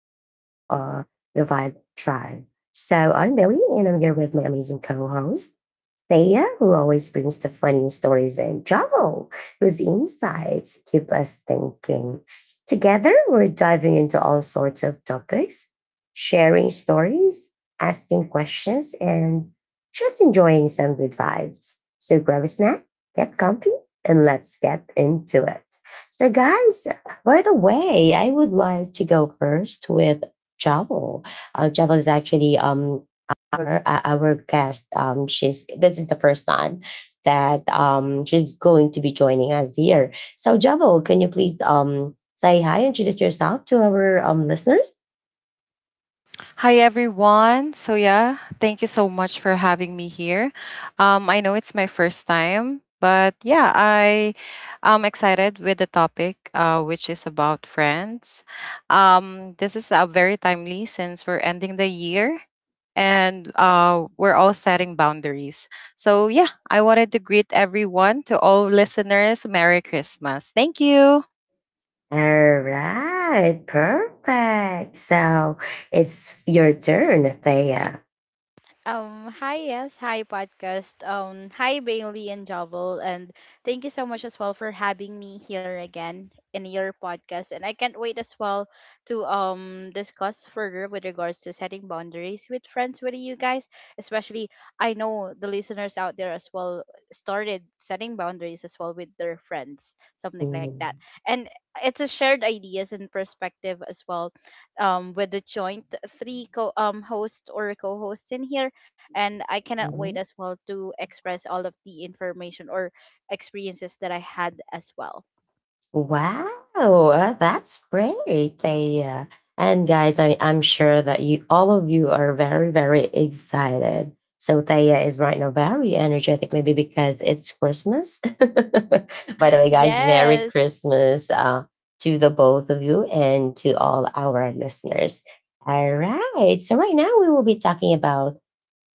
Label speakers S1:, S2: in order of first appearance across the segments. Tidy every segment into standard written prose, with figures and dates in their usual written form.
S1: the Vibe Tribe. So I'm Billy, and I'm here with my amazing co-host. Thea, who always brings the funny stories, and Javo, whose insights keep us thinking. Together, we're diving into all sorts of topics, sharing stories, asking questions, and just enjoying some good vibes. So grab a snack, get comfy, and let's get into it. So, guys, by the way, I would like to go first with Javo. Javo is actually our guest. She's This is the first time that she's going to be joining us here. So Javo, can you please say hi, introduce yourself to our listeners?
S2: Hi everyone. So yeah, thank you so much for having me here. I know it's my first time, but yeah, I am excited with the topic, which is about friends. This is very timely since we're ending the year, and we're all setting boundaries. So yeah, I wanted to greet everyone. To all listeners, Merry Christmas. Thank you.
S1: All right, perfect. So it's your turn, Thea.
S3: Hi, yes, hi, podcast. Hi, Bailey and Jovel, and thank you so much as well for having me here again in your podcast. And I can't wait as well to discuss further with regards to setting boundaries with friends with you guys. Especially, I know the listeners out there as well started setting boundaries as well with their friends, something like that. And it's a shared ideas and perspective as well with the joint three co host or co-hosts in here and I cannot wait as
S1: Mhm.
S3: well to express all of the information or experiences that I had as well.
S1: Wow, that's great. They, and guys, I'm sure that you, all of you are very, very excited. So Taya is right now very energetic, maybe because it's Christmas. By the way, guys, Merry
S3: Yes.
S1: Christmas to the both of you and to all our listeners. All right. So right now we will be talking about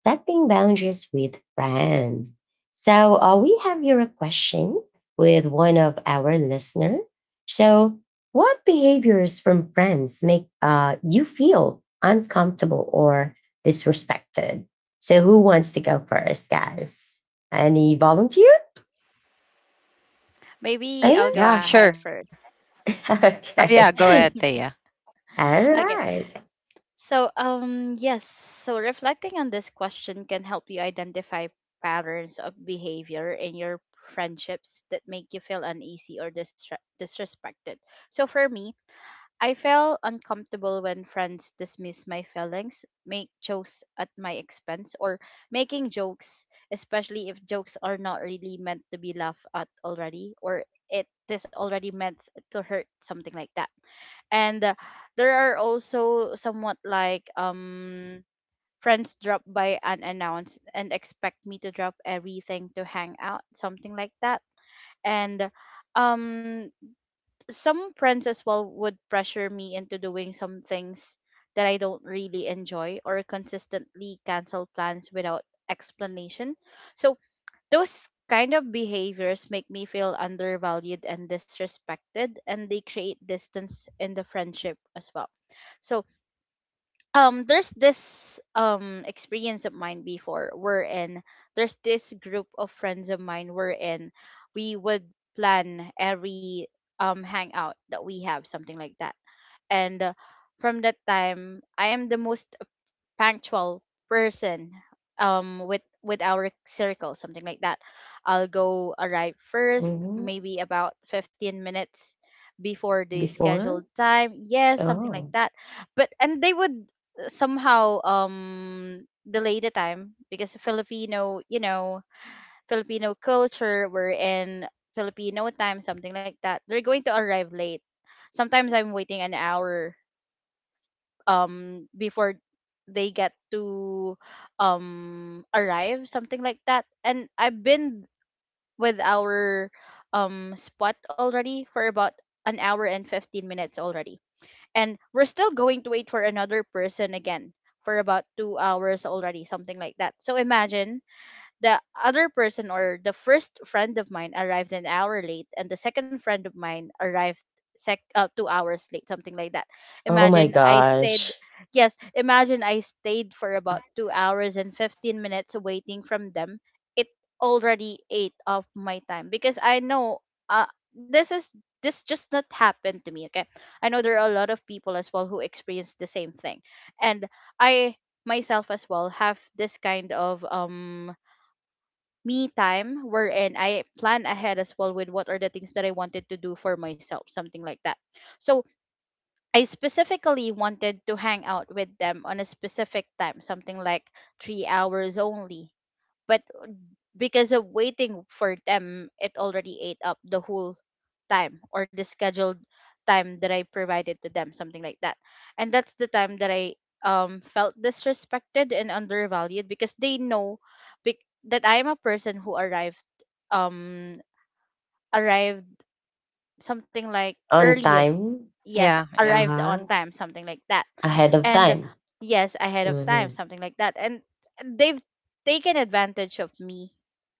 S1: setting boundaries with friends. So we have here a question with one of our listener. So what behaviors from friends make you feel uncomfortable or disrespected? So who wants to go first, guys? Any volunteer?
S3: Maybe I'll
S1: Yeah.
S3: go
S2: Yeah,
S3: ahead
S2: sure.
S3: first.
S2: Yeah, go ahead,
S1: Okay.
S2: Thea.
S1: All
S3: Okay.
S1: right.
S3: So, yes, so reflecting on this question can help you identify patterns of behavior in your friendships that make you feel uneasy or disrespected. So for me, I felt uncomfortable when friends dismiss my feelings, make jokes at my expense, or making jokes, especially if jokes are not really meant to be laughed at already, or it is already meant to hurt, something like that. And there are also somewhat like friends drop by unannounced and expect me to drop everything to hang out, something like that. And um some friends as well would pressure me into doing some things that I don't really enjoy or consistently cancel plans without explanation. So those kind of behaviors make me feel undervalued and disrespected, and they create distance in the friendship as well. So there's this experience of mine before, wherein there's this group of friends of mine wherein we would plan every hangout that we have, something like that. And from that time, I am the most punctual person with our circle, something like that. I'll go arrive first,
S1: Mhm.
S3: maybe about 15 minutes before the
S1: Before?
S3: scheduled time, yes, something like
S1: Oh.
S3: that. But, and they would somehow delay the time, because Filipino, you know, Filipino culture, we're in Filipino time, something like that. They're going to arrive late. Sometimes I'm waiting an hour before they get to arrive, something like that, and I've been with our spot already for about an hour and 15 minutes already, and we're still going to wait for another person again for about 2 hours already, something like that. So imagine, the other person or the first friend of mine arrived an hour late, and the second friend of mine arrived sec 2 hours late, something like that.
S1: Oh my
S3: Imagine I stayed,
S1: gosh.
S3: yes, imagine I stayed for about 2 hours and 15 minutes waiting from them. It already ate off my time, because I know, uh, this is, this just not happened to me, okay, I know there are a lot of people as well who experience the same thing, and I myself as well have this kind of me time, wherein I plan ahead as well with what are the things that I wanted to do for myself, something like that. So I specifically wanted to hang out with them on a specific time, something like 3 hours only. But because of waiting for them, it already ate up the whole time or the scheduled time that I provided to them, something like that. And that's the time that I felt disrespected and undervalued, because they know bec- that I am a person who arrived um arrived something like
S1: On
S3: earlier,
S1: time.
S3: yes,
S2: Yeah, yeah.
S3: arrived on
S1: Uh-huh.
S3: time, something like that,
S1: Ahead of
S3: and
S1: time.
S3: yes, ahead of time,
S1: Mhm.
S3: something like that, and they've taken advantage of me,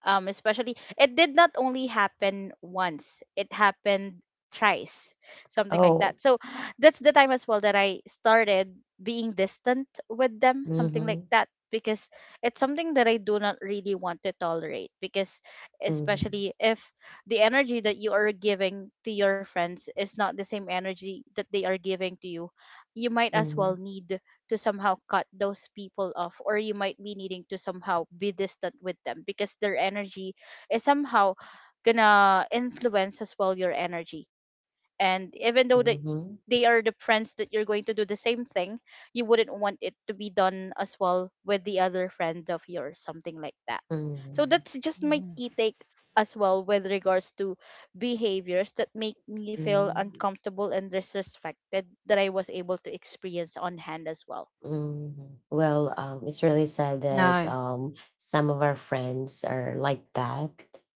S3: especially it did not only happen once, it happened thrice, something like that.
S1: Oh.
S3: So that's the time as well that I started being distant with them, something like
S1: Mhm.
S3: that, because it's something that I do not really want to tolerate, because
S1: Mhm.
S3: especially if the energy that you are giving to your friends is not the same energy that they are giving to you, you might as
S1: Mhm.
S3: well need to somehow cut those people off, or you might be needing to somehow be distant with them, because their energy is somehow gonna influence as well your energy, and even though that they
S1: Mhm.
S3: are the friends that you're going to do the same thing, you wouldn't want it to be done as well with the other friend of yours, something like that. So
S1: Mhm.
S3: that's just my
S2: Mhm.
S3: key take as well with regards to behaviors that make me feel
S1: Mhm.
S3: uncomfortable and disrespected that I was able to experience on hand as well.
S1: Mm, well, it's really sad that
S2: No,
S1: some of our friends are like that.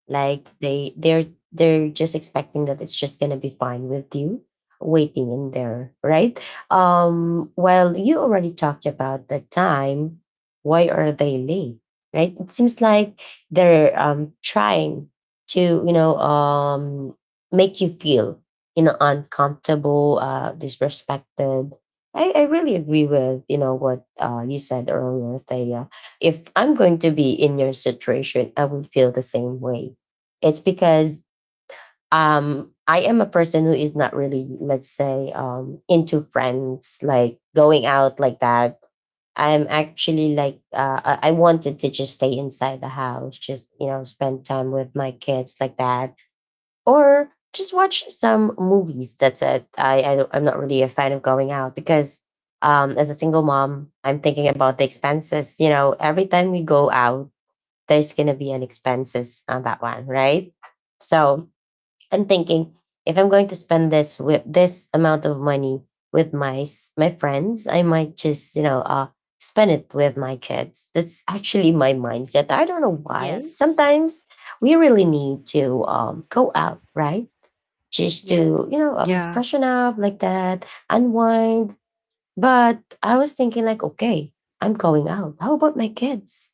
S1: Like they're they're just expecting that it's just gonna be fine with you waiting in there, right? Well, you already talked about the time. Why are they late? Right? It seems like they're trying to, you know, make you feel, you know, uncomfortable, disrespected. I really agree with you know what you said earlier, Thea. If I'm going to be in your situation, I would feel the same way. It's because I am a person who is not really, let's say, into friends, like going out like that. I'm actually like uh, I wanted to just stay inside the house, just you know, spend time with my kids like that or just watch some movies. That's it. I'm not really a fan of going out because as a single mom, I'm thinking about the expenses. You know, every time we go out, there's gonna be an expenses on that one, right? So I'm thinking if I'm going to spend this with this amount of money with my friends, I might just you know spend it with my kids. That's actually my mindset. I don't know why.
S3: Yes.
S1: Sometimes we really need to go out, right? Just to you
S3: Yes.
S1: know
S2: yeah.
S1: freshen up like that, unwind. But I was thinking like, okay, I'm going out, how about my kids?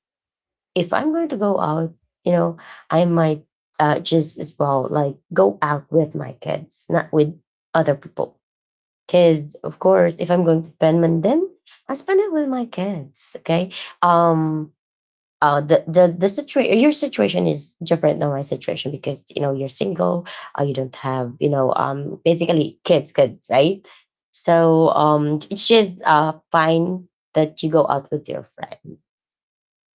S1: If I'm going to go out, you know, I might just as well like go out with my kids, not with other people kids. Of course, if I'm going to spend money, then I spend it with my kids. Okay, um the situation, your situation is different than my situation because you know you're single. You don't have you know basically kids, right? So it's just fine that you go out with your friend,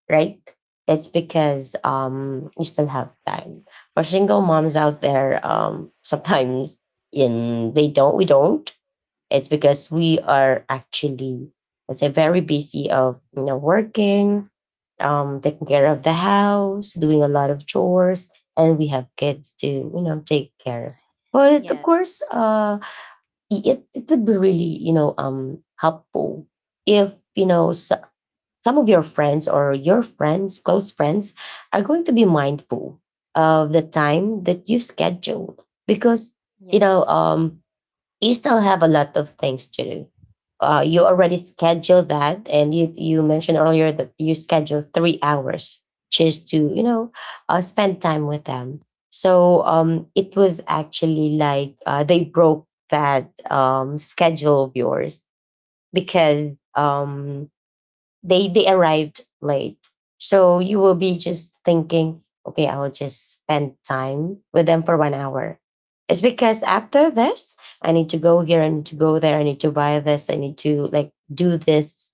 S1: right? It's because you still have time. For single moms
S3: Yes.
S1: out there sometimes in they don't we don't, it's because we are actually, let's say, very busy of you know working, taking care of the house, doing a lot of chores, and we have kids to you know take care. But of course,
S3: Yes.
S1: it it would be really you know helpful if you know s some of your friends or your friends, close friends, are going to be mindful of the time that you schedule, because you know
S3: Yes.
S1: you still have a lot of things to do. You already scheduled that, and you mentioned earlier that you scheduled 3 hours just to you know spend time with them. So it was actually like they broke that schedule of yours because they arrived late. So you will be just thinking, okay, I will just spend time with them for 1 hour, it's because after this I need to go here, I need to go there, I need to buy this, I need to like do this.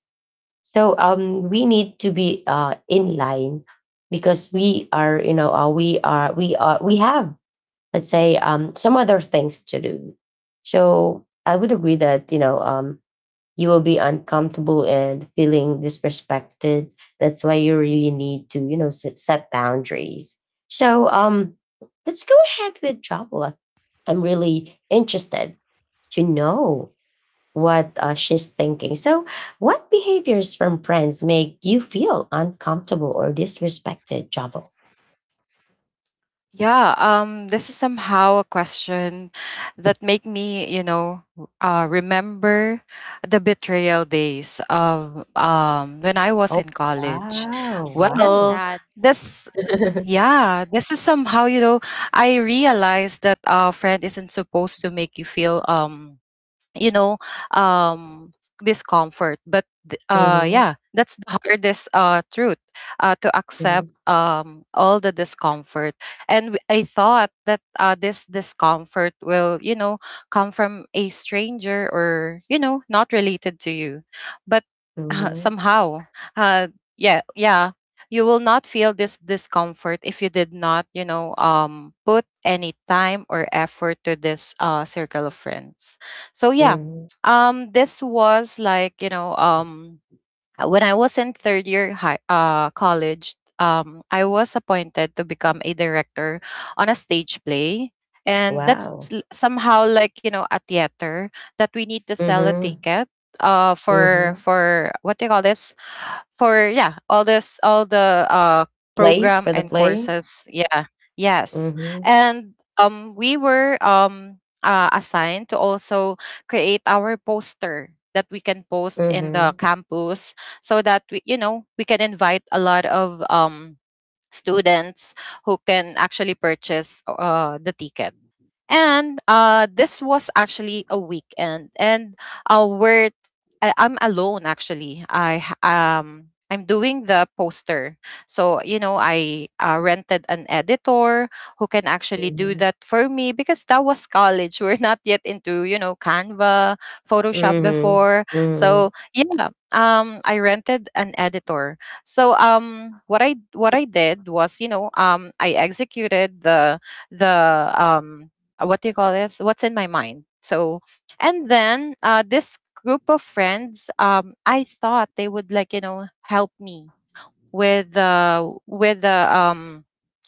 S1: So we need to be in line because we are you know we are we are we have, let's say, some other things to do. So I would agree that you know you will be uncomfortable and feeling disrespected. That's why you really need to, you know, set boundaries. So, let's go ahead with Jabla. I'm really interested to know what she's thinking. So, what behaviors from friends make you feel uncomfortable or disrespected, Jabla?
S2: Yeah, this is somehow a question that make me, remember the betrayal days of when I was
S1: Oh,
S2: in college.
S1: wow.
S3: That's
S1: Wow.
S2: Well,
S3: sad,
S2: this, yeah, this is somehow, I realized that a friend isn't supposed to make you feel you know um discomfort, but
S1: Mhm,
S2: that's the hardest truth to accept
S1: mhm,
S2: all the discomfort. And I thought that this discomfort will, you know, come from a stranger or, you know, not related to you, but
S1: mhm,
S2: somehow, uh yeah yeah you will not feel this discomfort if you did not, you know, put any time or effort to this circle of friends. So yeah.
S1: mhm.
S2: This was like, you know, when I was in third year high college. I was appointed to become a director on a stage play, and that's
S1: Wow.
S2: somehow like, you know, a theater that we need to sell a
S1: Mm-hmm.
S2: ticket for.
S1: Mm-hmm.
S2: For what do you call this? For, yeah, all this, all the
S1: Play
S2: program
S1: for the
S2: and
S1: play.
S2: courses. Yeah, yes.
S1: Mhm,
S2: And we were assigned to also create our poster that we can post in the
S1: mhm,
S2: campus, so that we, you know, we can invite a lot of students who can actually purchase the ticket. And this was actually a weekend, and uh, we're I'm alone actually. I'm doing the poster, so you know I rented an editor who can actually do
S1: mhm,
S2: that for me because that was college. We're not yet into, you know, Canva, Photoshop
S1: mhm,
S2: before,
S1: mhm, mhm,
S2: so yeah. I rented an editor. So what I did was, you know, I executed the um what do you call this, what's in my mind. So and then this group of friends, I thought they would, like, you know, help me with, the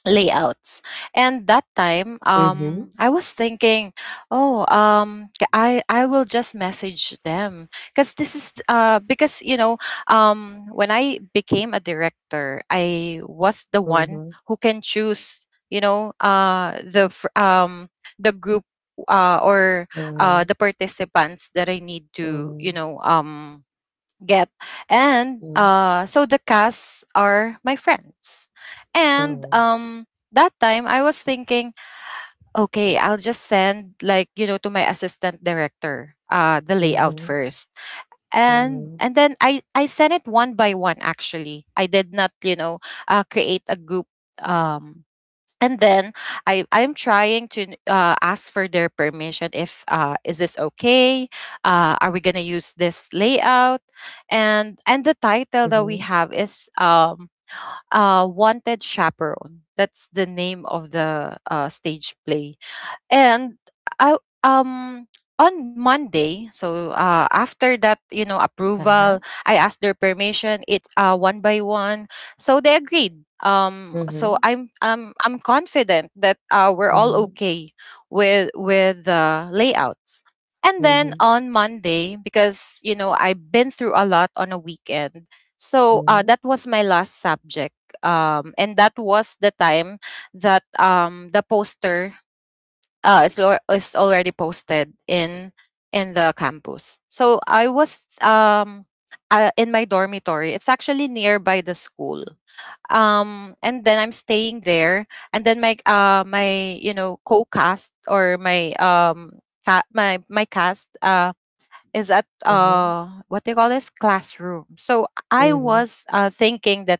S2: layouts. And that time,
S1: mhm, mhm,
S2: I was thinking, oh, I will just message them, because this is because you know when I became a director, I was the one who can choose, you know, the group, or
S1: mhm,
S2: the participants that I need to, you
S1: mhm,
S2: know, get. And
S1: mhm,
S2: so the casts are my friends. And
S1: mhm,
S2: that time I was thinking, okay, I'll just send, like, you know, to my assistant director the layout
S1: mhm,
S2: first. And
S1: mhm.
S2: and then I sent it one by one actually. I did not, you know, create a group. um and then I'm trying to ask for their permission, if is this okay? Are we gonna use this layout? And the title that we
S1: Uh-huh.
S2: have is Wanted Chaperone. That's the name of the stage play. And I on Monday, so after that, you know, approval, I asked their permission. It one by one, so they agreed. So
S1: Mhm,
S2: I'm confident that we're all
S1: mhm,
S2: okay with the layouts. And then
S1: mhm,
S2: on Monday, because you know I've been through a lot on a weekend, so that was my last subject. And that was the time that the poster, is already posted in the campus. So I was in my dormitory. It's actually nearby the school. And then I'm staying there, and then my you know co-cast or my ca- my cast is at
S1: mhm,
S2: what they call this, classroom. So I
S1: mhm,
S2: was thinking that,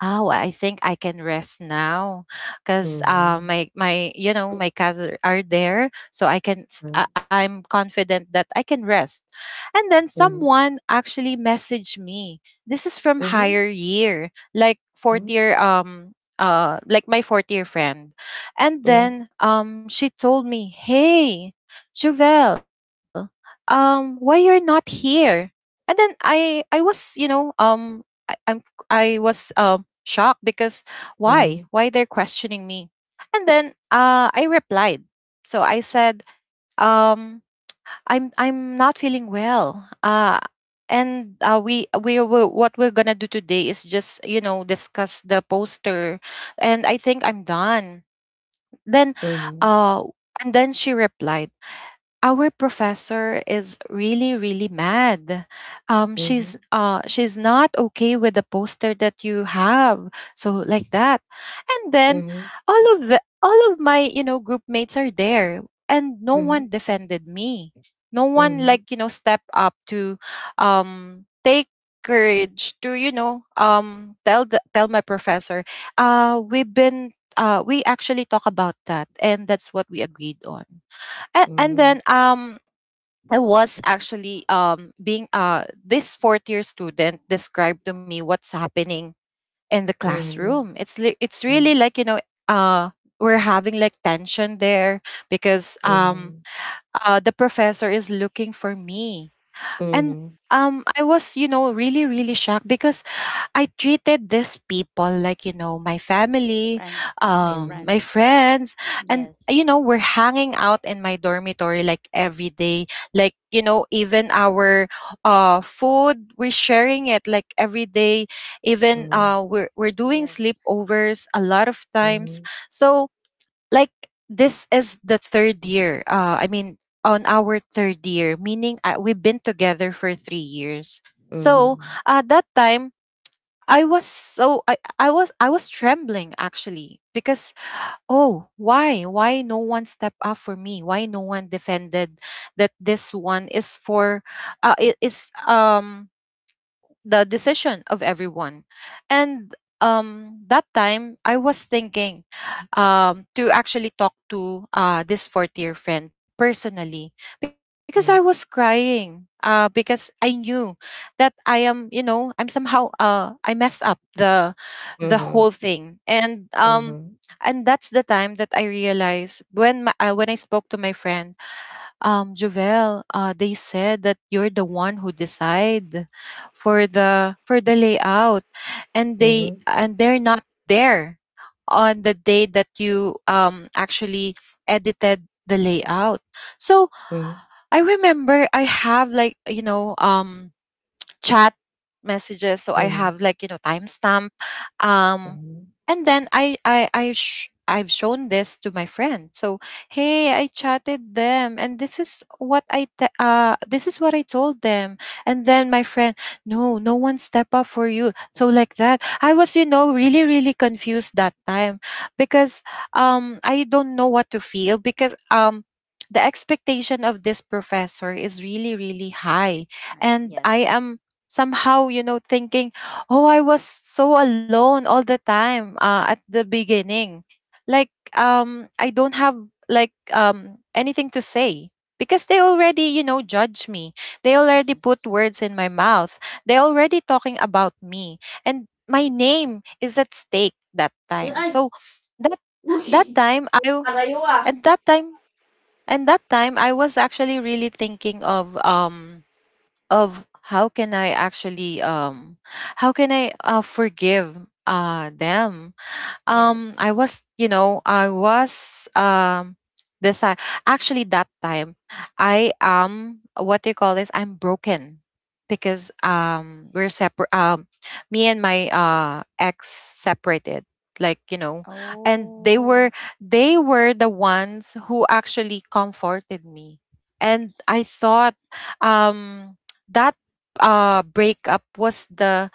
S2: oh, I think I can rest now because my my you know my cousins are there, so I can I'm confident that I can rest. And then someone actually messaged me. This is from
S1: mhm,
S2: higher year, like fourth
S1: mhm.
S2: year, like my fourth year friend. And
S1: Mhm,
S2: then she told me, hey, Juvel, why you're not here. And then I was, you know, I, I'm I was shocked because
S1: mhm,
S2: why they're questioning me. And then I replied, so I said, um I'm not feeling well, and, we will, what we're gonna do today is just, you know, discuss the poster, and I think I'm done then.
S1: mhm, mhm,
S2: uh and then she replied, our professor is really really mad, she's,
S1: mhm,
S2: she's not okay with the poster that you have, so like that. And then all of my, you know, group mates are there, and no one defended me, no one,
S1: mhm, mhm,
S2: like, you know, step up to take courage to, you know, tell the, tell my professor, we've been, we actually talk about that, and that's what we agreed on. and,
S1: mhm,
S2: and
S1: mhm, mhm,
S2: then I was actually being, this fourth year student described to me what's happening in the
S1: mhm,
S2: classroom. It's it's really
S1: mhm,
S2: like, you know, uh we're having like tension there because
S1: mhm,
S2: the professor is looking for me. And
S1: mhm,
S2: I was, you know, really really shocked because I treated these people like, you know, my family,
S3: friend. My
S1: mhm, mhm,
S3: friend.
S2: my friends, and
S3: Yes.
S2: you know, we're hanging out in my dormitory like every day. Like, you know, even our food, we're sharing it like every day. Even
S1: mhm,
S2: we're doing
S3: Yes.
S2: sleepovers a lot of times.
S1: mhm.
S2: So, like, this is the third year. I mean on our third year, meaning we've been together for 3 years. So
S1: Mhm,
S2: that time I was so I was trembling actually because, oh, why no one stepped up for me, why no one defended that this one is for, it is the decision of everyone. And that time, I was thinking to actually talk to this fourth year friend personally, because
S1: mm,
S2: I was crying, because I knew that I am, you know, I'm somehow, I mess up the
S1: mhm,
S2: whole thing. And
S1: mhm,
S2: and that's the time that I realized, when when I spoke to my friend, Jovel, they said that you're the one who decide for the layout, and
S1: mhm,
S2: they're not there on the day that you actually edited the layout. So
S1: mm,
S2: I remember I have, like, you know, chat messages, so I
S1: mhm,
S2: have, like, you know, timestamp, um,
S1: mhm.
S2: and then I've shown this to my friend. So hey, I chatted them, and this is what this is what I told them. And then my friend, no, no one step up for you. So like that, I was, you know, really really confused that time because I don't know what to feel because the expectation of this professor is really really high,
S3: I
S2: and I
S3: yes.
S2: am somehow, you know, thinking, oh, I was so alone all the time, at the beginning. Like, I don't have like, anything to say because they already, you know, judge me. They already
S3: Yes.
S2: put words in my mouth. They already talking about me, and my name is at stake that time.
S1: Ay,
S2: So that
S1: uy,
S2: that time I
S1: palayo ah.
S2: at that time and that time I was actually really thinking of, of how can I actually, how can I, forgive them. I
S3: Yes.
S2: was, you know, I was decide actually that time. I am, what do you call this, I'm broken because we're separate me and my ex separated, like, you know. And they
S3: Oh,
S2: were, they were the ones who actually comforted me. And I thought um that breakup was the,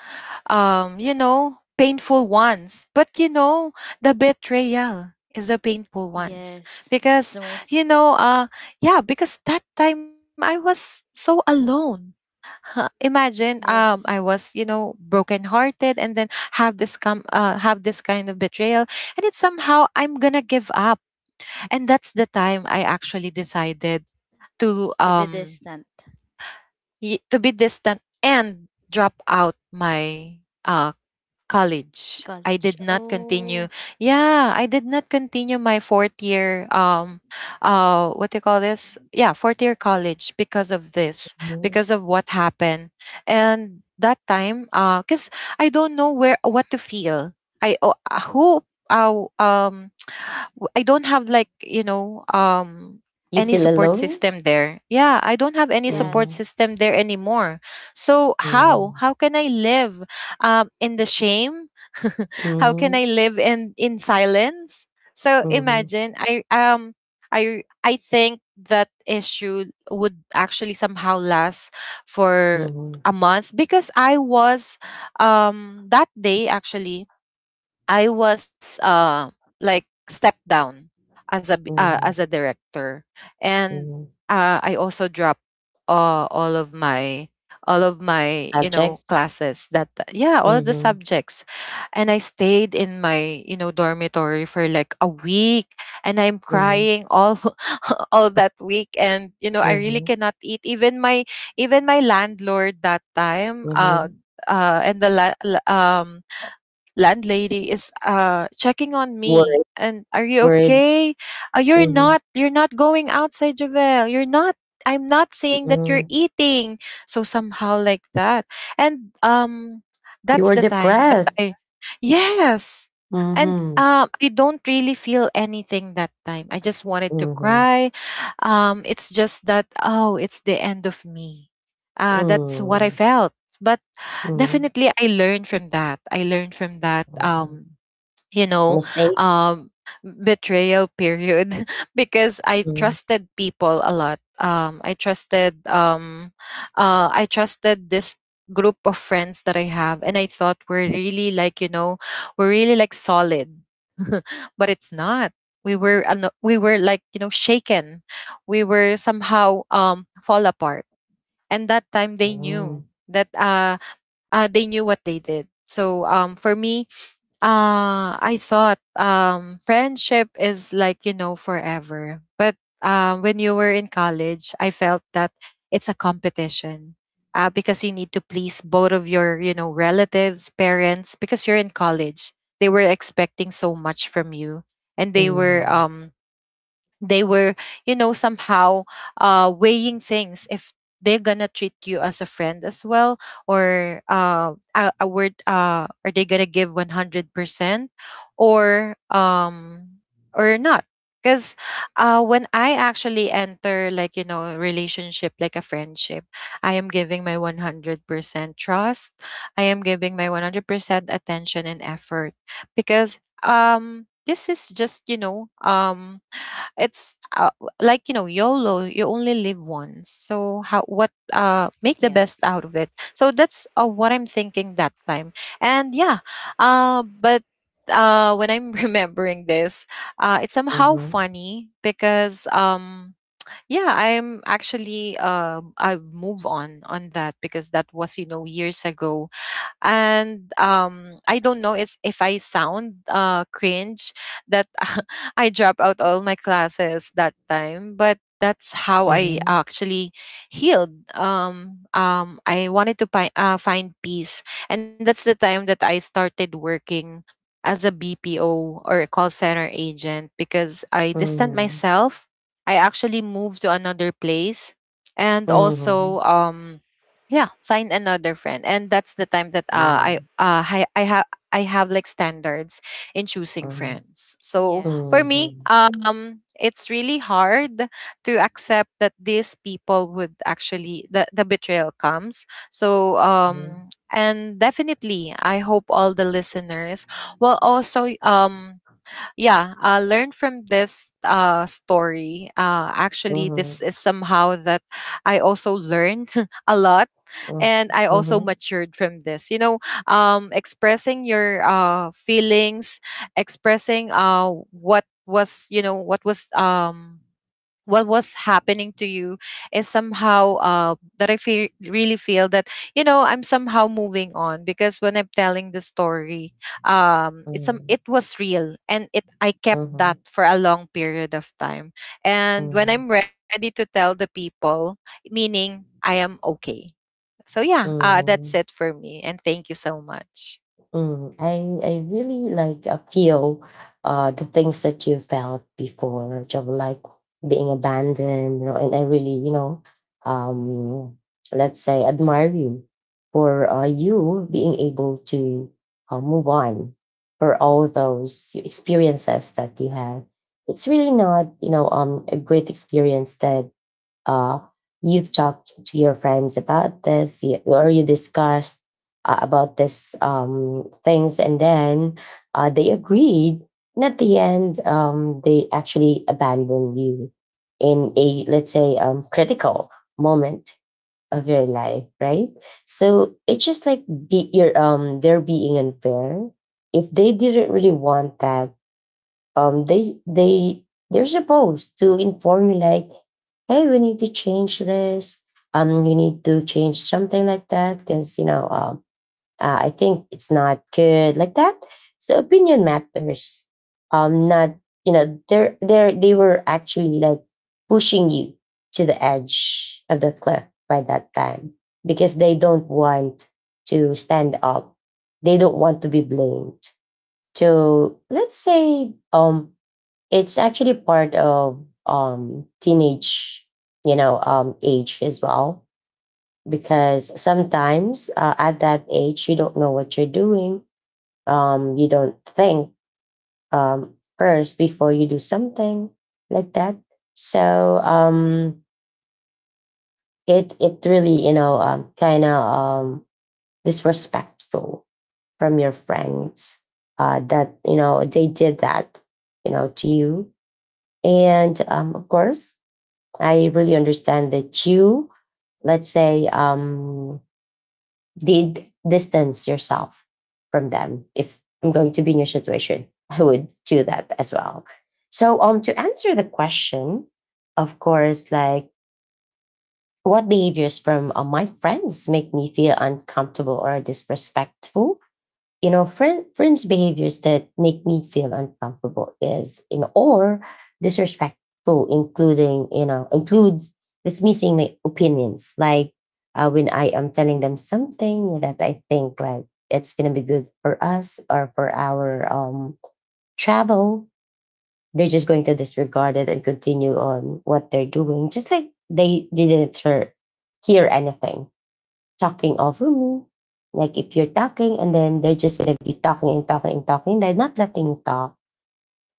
S2: you know, painful ones. But you know, the betrayal is the painful ones,
S3: yes. It's the
S2: because
S3: most
S2: you know, yeah, because that time I was so alone. Huh, imagine,
S3: yes.
S2: I was, you know, brokenhearted, and then have this have this kind of betrayal, and it's somehow I'm gonna give up. And that's the time I actually decided to
S3: To be
S2: um
S3: distant.
S2: to be distant and drop out my uh college. I
S3: College.
S2: did not
S3: Oh,
S2: continue. Yeah, I did not continue my fourth year. What do you call this? Yeah, fourth year college because of this,
S1: Mhm.
S2: because of what happened. And that time, cause I don't know where what to feel. I oh, who uh, um w- I don't have
S1: You
S2: any
S1: feel
S2: support
S1: alone?
S2: system there. Yeah, I don't have any
S3: yes.
S2: support
S1: Mhm,
S2: system there anymore. So how?
S1: mhm,
S2: How can I live in the shame? How can
S1: mhm,
S2: I live in silence? So
S1: mhm,
S2: imagine I think that issue would actually somehow last for
S1: mhm,
S2: a month because I was, that day actually, I was, like, stepped down as a b- uh, as
S1: mhm,
S2: a director, and
S1: mhm.
S2: I also dropped all of my, all of my,
S1: Subjects?
S2: classes, that, yeah, all of the
S1: Mhm,
S2: subjects. And I stayed in my, you know, dormitory for like a week, and I'm
S1: mhm,
S2: crying all all that week. And you know, I really
S1: mhm,
S2: cannot eat, even my, even my landlord that time,
S1: mhm.
S2: and the landlady is, uh, checking on
S1: Worried.
S2: me. And, are you
S1: Worried.
S2: okay? You're
S1: Mhm,
S2: not, you're not going outside, Javel, you're not, I'm not seeing that you're
S1: mm.
S2: eating. So somehow like that. And
S1: You
S2: that's
S1: were
S2: the time that
S1: depressed.
S2: I, yes, and
S1: Mhm,
S2: I don't really feel anything that time, I just wanted to
S1: mhm,
S2: cry. It's just that, oh, it's the end of me, that's what I
S1: mm,
S2: felt. But
S1: mhm,
S2: definitely, I learned from that. I learned from that,
S1: mhm.
S2: you know,
S1: Mistake?
S2: um, betrayal period. Because I
S1: Mhm,
S2: trusted people a lot. I trusted this group of friends that I have, and I thought we're really like, you know, we're really like solid, but it's not. We were, ano- we were like, you know, shaken. We were somehow fall apart, and that time they
S1: mm.
S2: knew that. They knew what they did. So for me, I thought, friendship is like, you know, forever. But when you were in college, I felt that it's a competition, because you need to please both of your, you know, relatives, parents, because you're in college. They were expecting so much from you, and they were,
S1: Hmm.
S2: they were, you know, somehow weighing things, if they're gonna treat you as a friend as well, or a word, are they gonna give 100% or not. Because when I actually enter, like, you know, a relationship, like a friendship, I am giving my 100% trust, I am giving my 100% attention and effort, because this is just, you know, it's like, you know, YOLO. You only live once. So how, what, make
S3: Yes.
S2: the best out of it. So that's, what I'm thinking that time. And yeah, but when I'm remembering this, it's somehow
S1: Mhm,
S2: funny because yeah, I'm actually, I move on that because that was, you know, years ago. And I don't know is if I sound cringe that I drop out all my classes that time, but that's how I
S1: mhm,
S2: actually healed. I wanted to find peace, and that's the time that I started working as a BPO or a call center agent, because I distanced
S1: mhm,
S2: myself, I actually moved to another place, and also,
S1: mhm,
S2: yeah, find another friend. And that's the time that, uh, i
S1: mm,
S2: uh, i i have, I have like standards in choosing
S1: mhm,
S2: friends. So for
S3: Yes.
S2: me,
S1: mhm,
S2: it's really hard to accept that these people would actually, the betrayal comes. So
S1: mhm,
S2: and definitely, I hope all the listeners will also, yeah, learn from this, story. Actually, this
S1: mhm,
S2: is somehow that I also learned a lot,
S1: mm,
S2: and I also
S1: mhm,
S2: matured from this, you know. Expressing your, feelings, expressing, what was, you know, what was, what was happening to you, is somehow, that I feel, really feel that, you know, I'm somehow moving on, because when I'm telling the story, it's,
S1: mm,
S2: it was real, and it I kept that
S1: mhm,
S2: for a long period of time. And when I'm ready to tell the people, meaning I am okay. So yeah,
S1: mhm,
S2: that's
S1: mhm.
S2: it for me. And thank you so much.
S1: I really like feel the things that you felt before, job, like being abandoned, you know, and I really, you know, um, let's say admire you for you being able to move on for all those experiences that you have. It's really not, you know, a great experience that uh, you've talked to your friends about or you discussed about this things, and then they agreed, and at the end they actually abandoned you in a, let's say, critical moment of your life, right? So it's just like be your they're being unfair. If they didn't really want that, um, they they they're supposed to inform you like, hey, we need to change this. You need to change something like that because you know, I think it's not good like that. So opinion matters. Not you know, they're they were actually like pushing you to the edge of the cliff by that time because they don't want to stand up. They don't want to be blamed. So let's say it's actually part of teenage, you know, age as well, because sometimes at that age you don't know what you're doing. Um, you don't think first before you do something like that. So it really, you know, kind of disrespectful from your friends that, you know, they did that, you know, to you. And of course I really understand that you, let's say, did distance yourself from them. If I'm going to be in your situation, I would do that as well. So, to answer the question, of course, like what behaviors from my friends make me feel uncomfortable or disrespectful, you know, friends behaviors that make me feel uncomfortable is you know or disrespectful including you know includes dismissing my opinions, like when I am telling them something that I think like it's going to be good for us or for our travel, they're just going to disregard it and continue on what they're doing, just like they didn't hear anything, talking over me. Like if you're talking and then they're just gonna be talking and talking and talking, they're not letting you talk,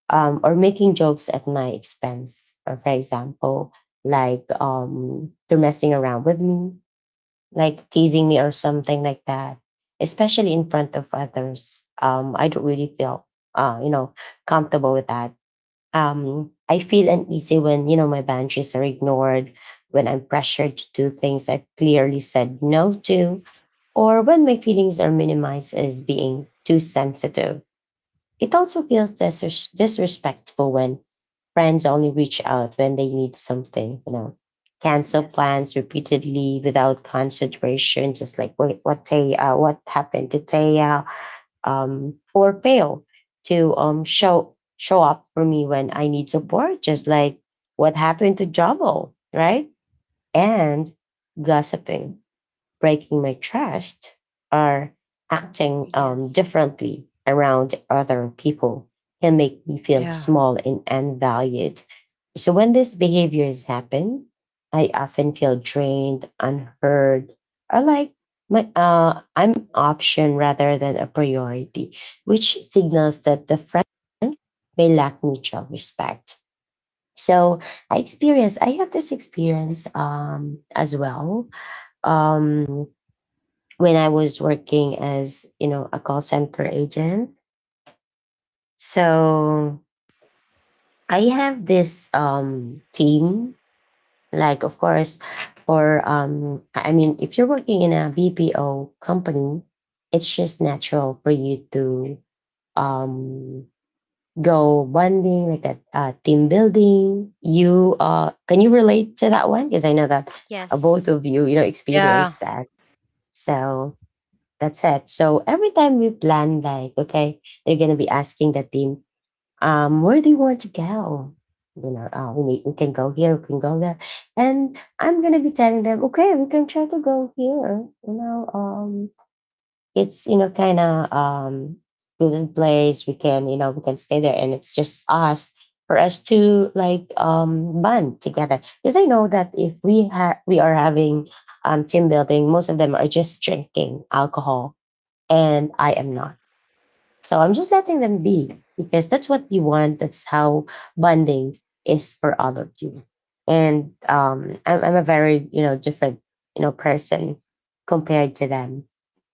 S1: or making jokes at my expense. Or for example, like they're messing around with me, like teasing me or something like that. Especially in front of others. I don't really feel you know, comfortable with that. I feel uneasy when, you know, my boundaries are ignored, when I'm pressured to do things I clearly said no to, or when my feelings are minimized as being too sensitive. It also feels disrespectful when friends only reach out when they need something, you know, cancel
S3: Yes.
S1: plans repeatedly without consideration, just like what Tay, what happened to Taya, or fail to show up for me when I need support, just like what happened to Jabo, right? And gossiping, breaking my trust, or acting
S3: Yes.
S1: differently around other people can make me feel
S2: Yeah.
S1: small and unvalued. So when these behaviors happen, I often feel drained, unheard, or like my I'm option rather than a priority, which signals that the friend may lack mutual respect. So I have this experience as well. Um when I was working as, you know, a call center agent. So I have this team, like of course, for I mean, if you're working in a BPO company, it's just natural for you to um go bonding like that, team building. You uh can you relate to that one, because I know that,
S3: Yes.
S1: both of you you know
S2: Yeah.
S1: experienced that. so That's it. So every time we plan, like, okay, they're gonna be asking the team, where do you want to go? You know, we can go here, we can go there, and I'm gonna be telling them, okay, we can try to go here. You know, it's kind of student place. We can stay there, and it's just us for us to like bond together. Because I know that if we are having team building, most of them are just drinking alcohol and I am not. So I'm just letting them be, because that's what you want. That's how bonding is for all of you. And I'm a very different person compared to them.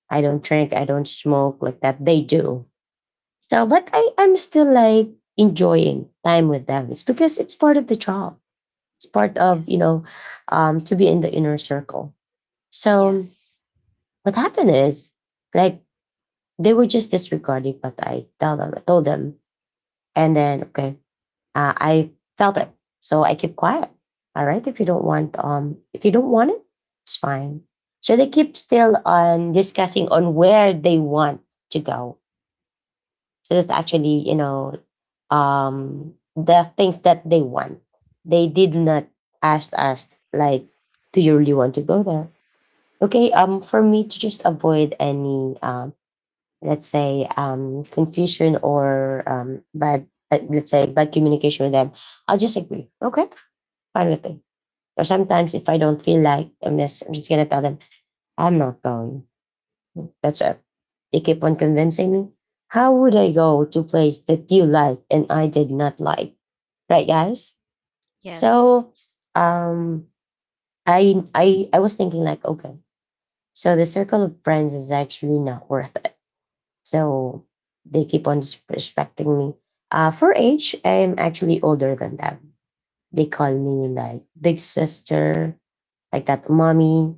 S1: I don't drink, I don't smoke like that. They do. So, but I'm still like enjoying time with them. It's because it's part of the job. It's part of,
S3: Yes.
S1: to be in the inner circle. So
S3: Yes.
S1: what happened is, like, they were just disregarding what told them. And then, okay, I felt it. So I keep quiet. All right. If you don't want it, it's fine. So they keep still on discussing on where they want to go. So that's actually, you know, the things that they want. They did not ask us like, do you really want to go there? Okay. For me to just avoid any let's say confusion, or bad, let's say bad communication with them, I'll just agree, okay, fine with me. Or sometimes if I don't feel like, I'm just gonna tell them I'm not going. That's it. They keep on convincing me, how would I go to place that you like and I did not like, right, guys?
S3: Yes.
S1: So, um I was thinking, like, okay, so the circle of friends is actually not worth it. So they keep on disrespecting me. For age, I'm actually older than them. They call me like big sister, like that, mommy,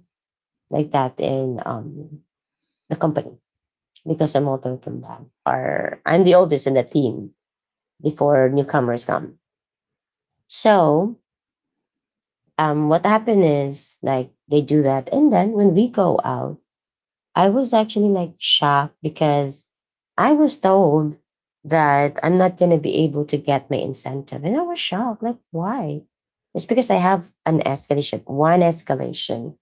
S1: like that in, the company, because I'm older than them. Or I'm the oldest in the team before newcomers come. So, what happened is, like, they do that. And then when we go out, I was actually like shocked, because I was told that I'm not going to be able to get my incentive. And I was shocked. Like, why? It's because I have an escalation, one escalation.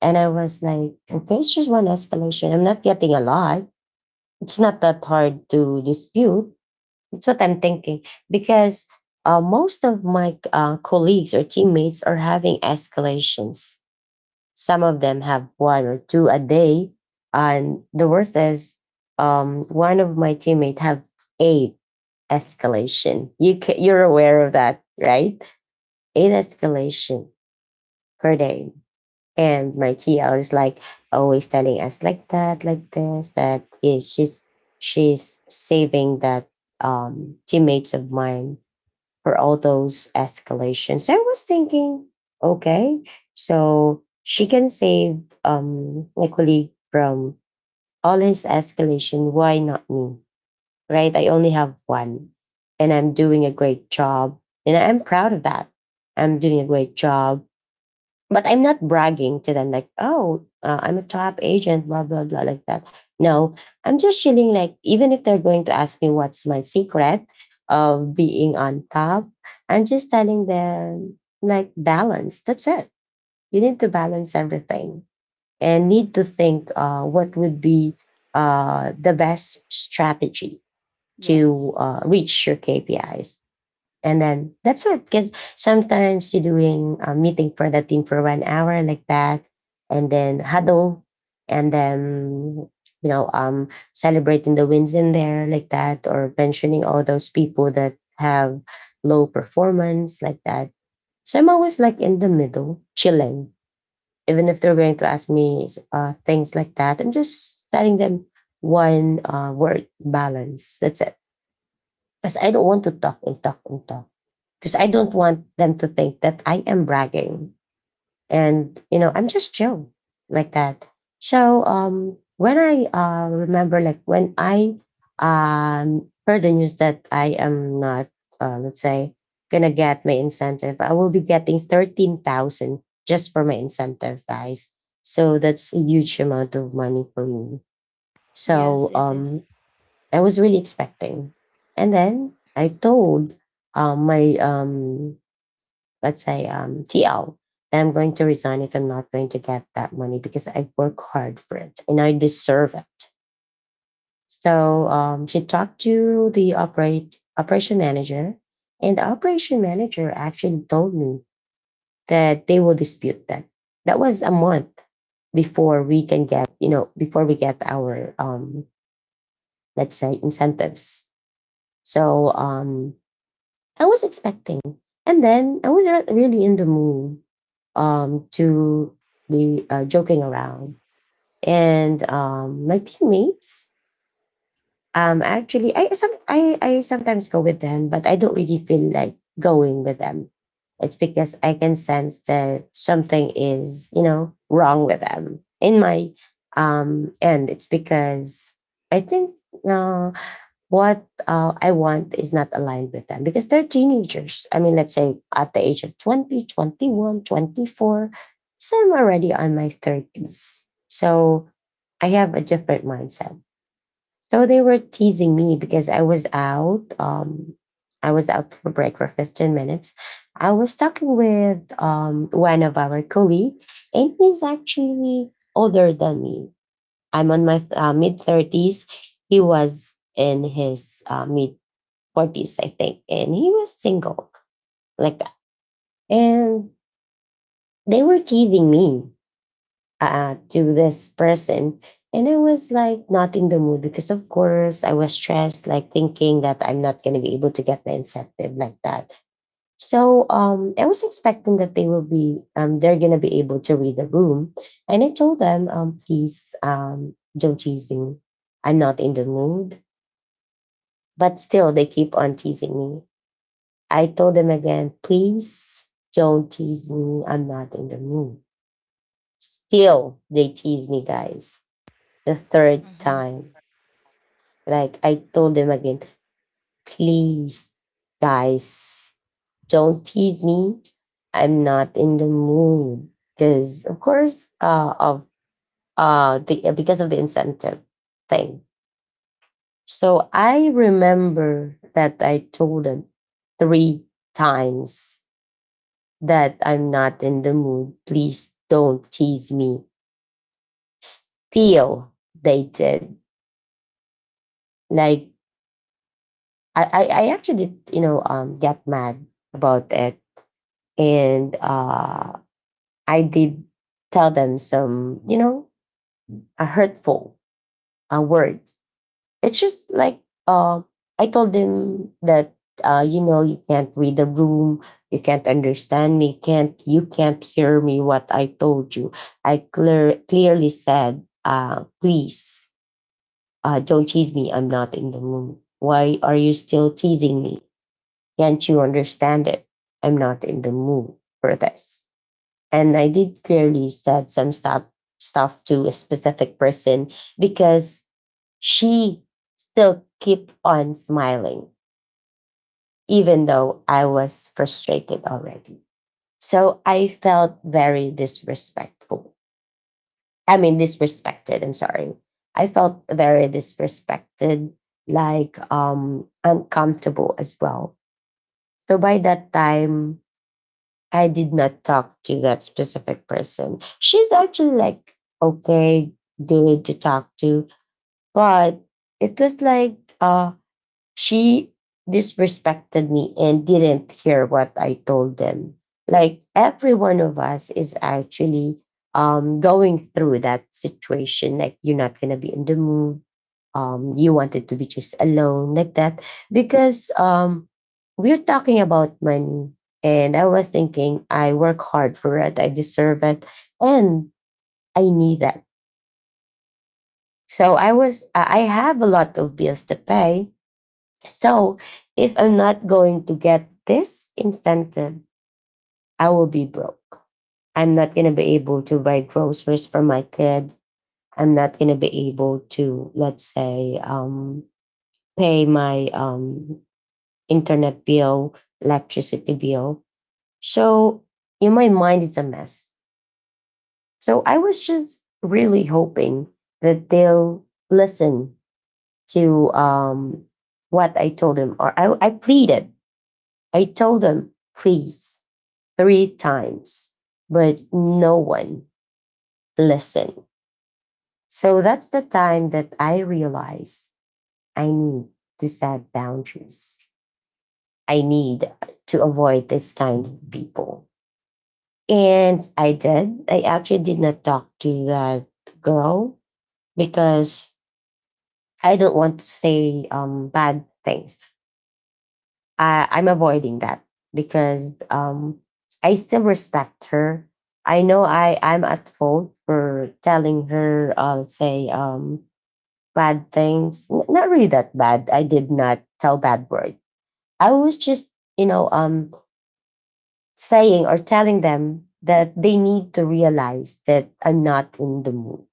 S1: And I was like, okay, it's just one escalation. I'm not getting a lot. It's not that hard to dispute. That's what I'm thinking. Because, most of my colleagues or teammates are having escalations. Some of them have one or two a day. And the worst is, one of my teammates have eight escalation. You're aware of that, right? Eight escalation per day. And my TL is, like, always telling us like that, like this, that is, she's saving that teammates of mine for all those escalations. I was thinking, okay, so she can save my colleague from all his escalation. Why not me? Right? I only have one, and I'm doing a great job, and I'm proud of that. I'm doing a great job, but I'm not bragging to them like, oh, I'm a top agent, blah, blah, blah, like that. No, I'm just chilling. Like, even if they're going to ask me what's my secret of being on top, I'm just telling them, like, balance. That's it. You need to balance everything and need to think, what would be, the best strategy to,
S3: Yes,
S1: reach your KPIs. And then that's it. Because sometimes you're doing a meeting for the team for 1 hour like that, and then huddle, and then, you know, celebrating the wins in there like that, or mentioning all those people that have low performance like that. So I'm always like in the middle, chilling. Even if they're going to ask me, things like that, I'm just telling them one, word, balance. That's it. Because I don't want to talk and talk and talk, because I don't want them to think that I am bragging. And, you know, I'm just chill like that. So, when I remember, like when I, heard the news that I am not, let's say, gonna get my incentive, I will be getting 13,000 just for my incentive, guys. So that's a huge amount of money for me.
S3: Yes,
S1: So,
S3: it is.
S1: I was really expecting. And then I told, my, let's say, TL, that I'm going to resign if I'm not going to get that money, because I work hard for it and I deserve it. So, she talked to the operate operation manager, and the operation manager actually told me that they will dispute that. That was a month before we can get, you know, before we get our, let's say, incentives. So, I was expecting, and then I was not really in the mood, to be, joking around. And, my teammates, actually, I sometimes go with them, but I don't really feel like going with them. It's because I can sense that something is, you know, wrong with them in my, end. It's because I think, uh, what, I want is not aligned with them, because they're teenagers. I mean, let's say at the age of 20, 21, 24, 21, 24, so I'm already on my 30s. So I have a different mindset. So they were teasing me because I was out. I was out for break for 15 minutes. I was talking with, one of our colleague, and he's actually older than me. I'm on my, mid 30s. He was in his, mid 40s, I think. And he was single like that. And they were teasing me, to this person. And I was like not in the mood, because, of course, I was stressed, like thinking that I'm not going to be able to get the incentive like that. So, I was expecting that they're going to be able to read the room. And I told them, please, don't tease me. I'm not in the mood. But still, they keep on teasing me. I told them again, please don't tease me. I'm not in the mood. Still, they tease me, guys. The third
S2: Hmm.
S1: time. Like, I told them again, please, guys, don't tease me. I'm not in the mood. Because, of course, because of the incentive thing. So I remember that I told them three times that I'm not in the mood. Please don't tease me. Still, they did. Like I actually, you know, get mad about it, and I did tell them some, you know, a hurtful a word. It's just like, um, I told him that, you know, you can't read the room, you can't understand me, can't you can't hear me what I told you. Clearly said, please, don't tease me. I'm not in the mood. Why are you still teasing me? Can't you understand it? I'm not in the mood for this. And I did clearly said some stuff to a specific person, because she still kept on smiling, even though I was frustrated already. So I felt very disrespectful. I mean, disrespected. I'm sorry. I felt very disrespected, like, uncomfortable as well. So by that time, I did not talk to that specific person. She's actually like, okay, good to talk to, but it was like, she disrespected me and didn't hear what I told them. Like every one of us is actually, going through that situation. Like you're not gonna be in the mood. You wanted to be just alone like that, because, we're talking about money, and I was thinking I work hard for it. I deserve it, and I need that. So I was I have a lot of bills to pay, so if I'm not going to get this incentive, I will be broke. I'm not going to be able to buy groceries for my kid. I'm not going to be able to, let's say, pay my internet bill, electricity bill. So in my mind, it's a mess. So I was just really hoping that they'll listen to what I told them, or I pleaded. I told them, please, three times, but no one listened. So that's the time that I realized I need to set boundaries. I need to avoid this kind of people. And I did. I actually did not talk to that girl because I don't want to say bad things. I'm avoiding that because I still respect her. I know I'm at fault for telling her, let's say, bad things. Not really that bad. I did not tell bad words. I was just, you know, um, saying or telling them that they need to realize that I'm not in the mood,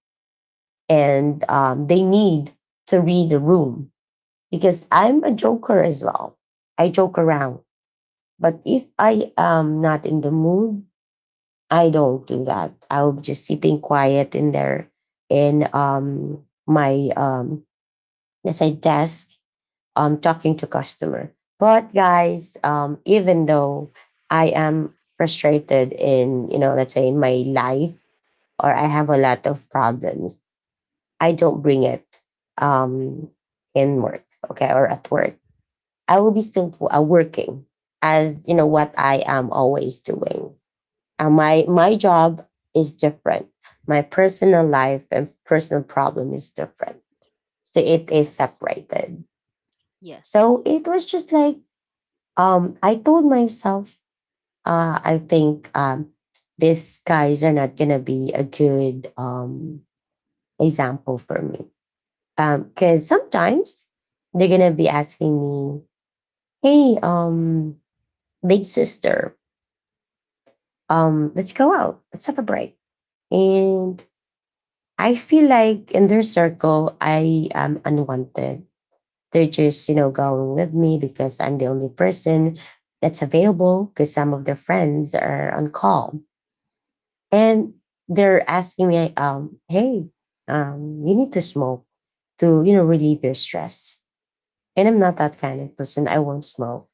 S1: and they need to read the room, because I'm a joker as well. I joke around. But if I am not in the mood, I don't do that. I'll just sitting quiet in there in my let's say desk, talking to customer. But guys, even though I am frustrated in, you know, let's say in my life, or I have a lot of problems, I don't bring it um in work, okay, or at work. I will be still working, as you know what I am always doing. My job is different. My personal life and personal problem is different, so it is
S3: Yes.
S1: separated.
S3: Yes.
S1: So it was just like, I told myself, I think these guys are not gonna be a good example for me, because sometimes they're gonna be asking me, hey, big sister, let's go out, let's have a break. And I feel like in their circle, I am unwanted. They're just, you know, going with me because I'm the only person that's available because some of their friends are on call. And they're asking me, hey, you need to smoke to, you know, relieve your stress. And I'm not that kind of person. I won't smoke.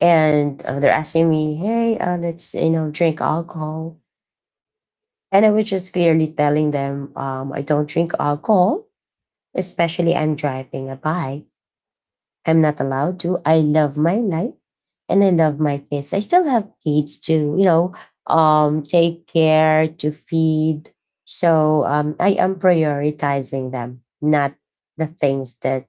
S1: And they're asking me, hey, let's, you know, drink alcohol. And I was just clearly telling them, I don't drink alcohol, especially I'm driving a bike. I'm not allowed to. I love my life and I love my kids. I still have kids to, you know, take care, to feed. So I am prioritizing them, not the things that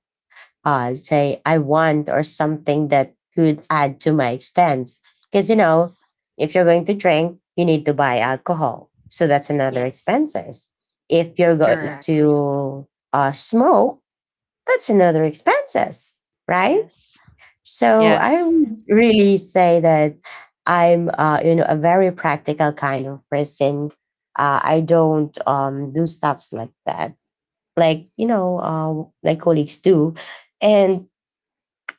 S1: say I want or something that could add to my expense. Because, you know,
S3: Yes.
S1: if you're going to drink, you need to buy alcohol. So that's another
S3: Yes.
S1: expenses. If you're going
S2: Correct.
S3: Exactly.
S1: to smoke, that's another expenses, right?
S3: Yes.
S1: So I
S2: Yes.
S1: would really say that I'm, you know, a very practical kind of person. I don't do stuffs like that, like, you know, my colleagues do. And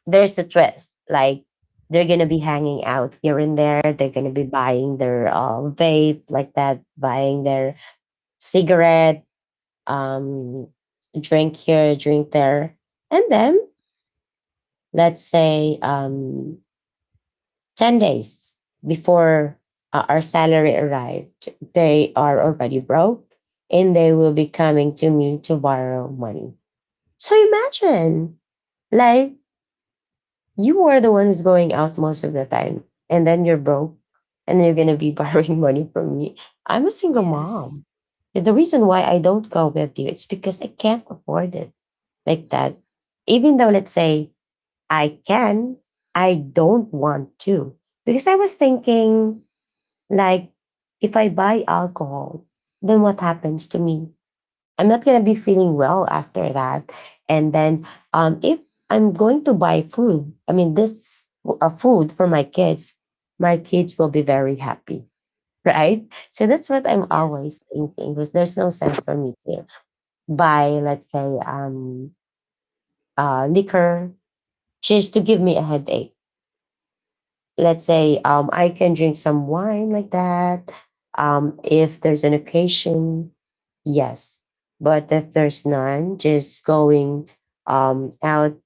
S1: there's a twist, like they're gonna be hanging out here and there. They're gonna be buying their vape like that, buying their cigarette, um, drink here, drink there, and then let's say 10 days before our salary arrived, they are already broke, and they will be coming to me to borrow money. So imagine, like, you are the one who's going out most of the time, and then you're broke, and you're going to be borrowing money from me. I'm a single
S3: Yes.
S1: mom. The reason why I don't go with you, it's because I can't afford it, like that. Even though, let's say I can, I don't want to. Because I was thinking, like, if I buy alcohol, then what happens to me? I'm not going to be feeling well after that. And then, if I'm going to buy food, I mean, this food for my kids will be very happy, right? So that's what I'm
S3: Yes.
S1: always thinking, because there's no sense for me to buy, let's say, um, liquor, just to give me a headache. Let's say I can drink some wine, like that. If there's an occasion, yes. But if there's none, just going out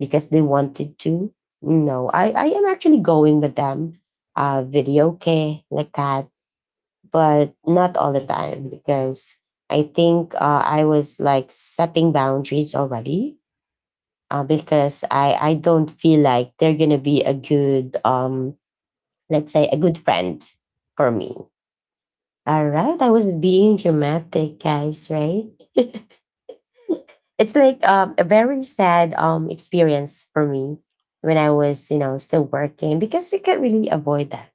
S1: because they wanted to. No, I am actually going with them, video okay, like that, but not all the time, because I think I was like setting boundaries already, because I don't feel like they're gonna be a good, let's say, a good friend for me. All right, I was being dramatic, guys. Right? It's like, a very sad experience for me when I was, you know, still working, because you can't really avoid that,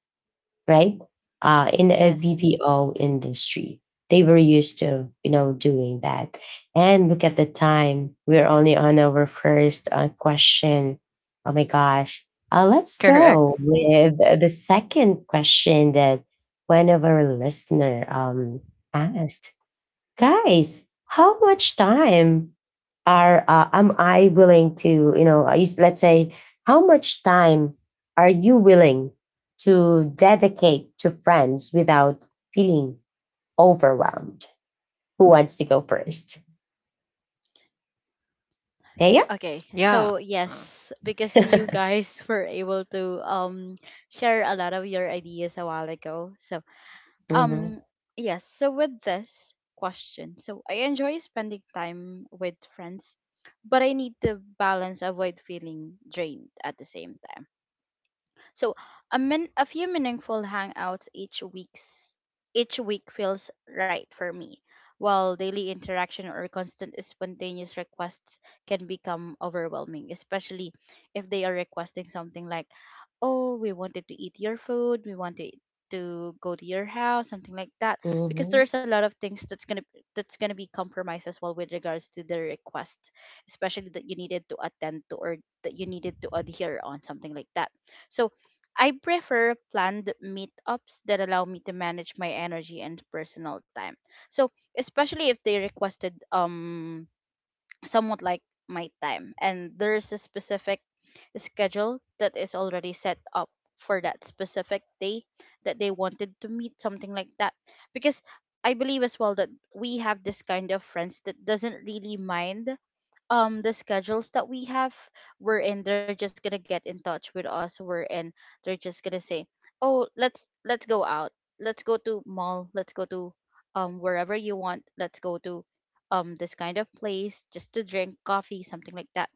S1: right? In a
S3: Yes.
S1: BPO industry, they were used to, you know, doing that. And look at the time; we're only on our first question. Oh my gosh! Let's go
S2: Correct.
S1: with the second question that one of our listener asked, guys. How much time are am I willing to, you know, let's say, how much time are you willing to dedicate to friends without feeling overwhelmed? Who wants to go first, Thea?
S3: Okay.
S2: Yeah.
S3: So,
S2: Uh,
S3: yes, because you guys were able to share a lot of your ideas a while ago. So,
S1: Mm-hmm.
S3: Um, yes. So with this question, so I enjoy spending time with friends, but I need to balance avoid feeling drained at the same time. So a few meaningful hangouts each week feels right for me, while daily interaction or constant spontaneous requests can become overwhelming, especially if they are requesting something like, oh, we wanted to eat your food, we wanted to go to your house, something like that. Because
S1: Mm-hmm.
S3: there's a lot of things that's gonna be compromised as well with regards to the request, especially that you needed to attend to, or that you needed to adhere on, something like that. So I prefer planned meetups that allow me to manage my energy and personal time. So especially if they requested somewhat like my time, and there's a specific schedule that is already set up for that specific day that they wanted to meet, something like that, because I believe as well that we have this kind of friends that doesn't really mind the schedules that we have, wherein they're just gonna get in touch with us, wherein they're just gonna say, oh, let's go out, let's go to mall, let's go to wherever you want, let's go to this kind of place just to drink coffee, something like that,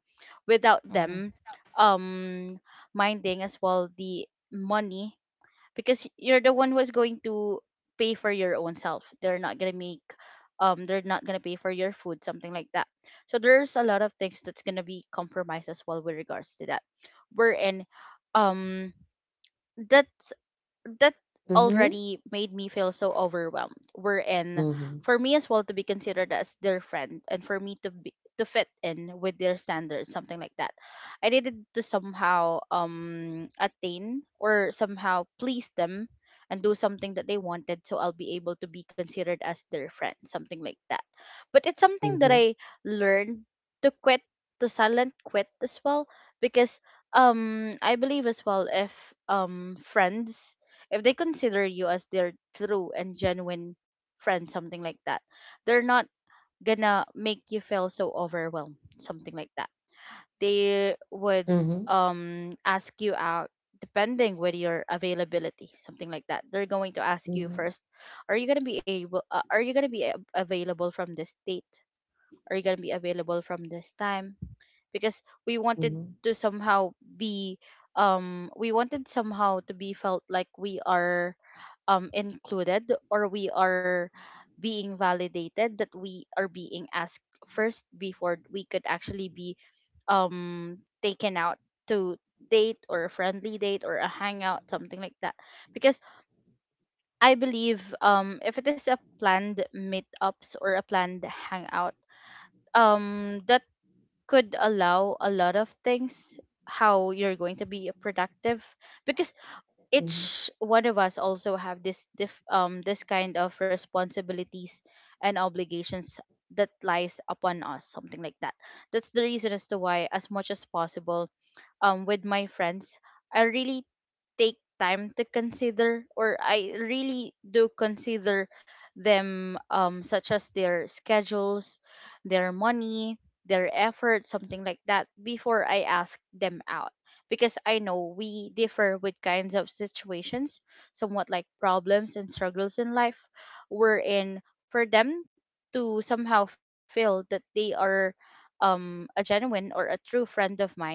S3: without
S2: mhm.
S3: them um minding as well the money, because you're the one who's going to pay for your own self, they're not gonna make they're not gonna pay for your food, something like that. So there's a lot of things that's gonna be compromised as well with regards to that, we're um that that
S1: Mm-hmm.
S3: already made me feel so overwhelmed. We're in
S1: Mm-hmm.
S3: for me as well to be considered as their friend, and for me to be to fit in with their standards, something like that. I needed to somehow attain or somehow please them and do something that they wanted, so I'll be able to be considered as their friend, something like that. But it's something that
S1: Mm-hmm.
S3: I learned to quit, to silent quit as well, because I believe as well, if friends, if they consider you as their true and genuine friend, something like that, they're not gonna make you feel so overwhelmed, something like that. They would
S1: Mm-hmm.
S3: ask you out depending with your availability, something like that. They're going to ask you
S1: Mm-hmm.
S3: first, are you gonna be able, are you gonna be available from this date, are you going to be available from this time, because we wanted
S1: Mm-hmm.
S3: to somehow be we wanted somehow to be felt like we are included, or we are being validated that we are being asked first before we could actually be taken out to date, or a friendly date, or a hangout, something like that. Because I believe if it is a planned meetups or a planned hangout, that could allow a lot of things, how you're going to be productive, because each one of us also have this this kind of responsibilities and obligations that lies upon us, something like that. That's the reason as to why, as much as possible, with my friends, I really take time to consider, or I really do consider them, such as their schedules, their money, their effort, something like that, before I ask them out, because I know we differ with kinds of situations, somewhat like problems and struggles in life, wherein for them to somehow feel that they are a genuine or a true friend of mine,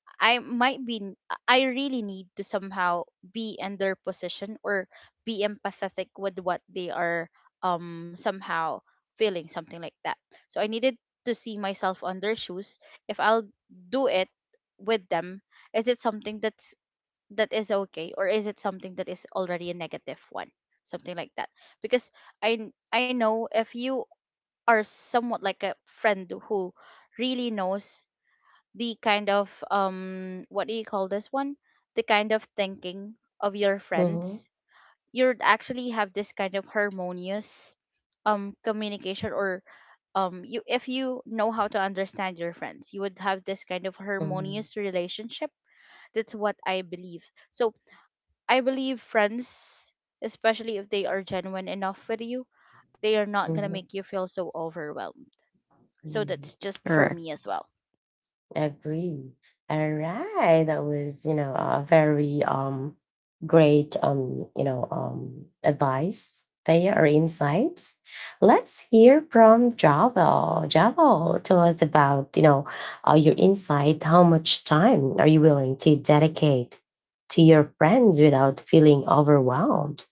S3: I might I really need to somehow be in their position, or be empathetic with what they are somehow feeling, something like that. So I needed to see myself on their shoes. If I'll do it with them, is it something that is okay, or is it something that is already a negative one? Something like that. Because I know, if you are somewhat like a friend who really knows the kind of what do you call this one the kind of thinking of your
S1: Mm-hmm.
S3: friends, you'd actually have this kind of harmonious communication, or you, if you know how to understand your friends, you would have this kind of
S1: Mm-hmm.
S3: harmonious relationship, that's what I believe. So I believe friends, especially if they are genuine enough with you, they are not going to make you feel so overwhelmed. So
S1: Mm-hmm.
S3: that's just for
S2: Correct.
S3: me as well.
S1: Agree. All right. That was, you know, a very great, you know, advice there, or insights. Let's hear from Java. Java, tell us about, you know, your insight. How much time are you willing to dedicate to your friends without feeling overwhelmed?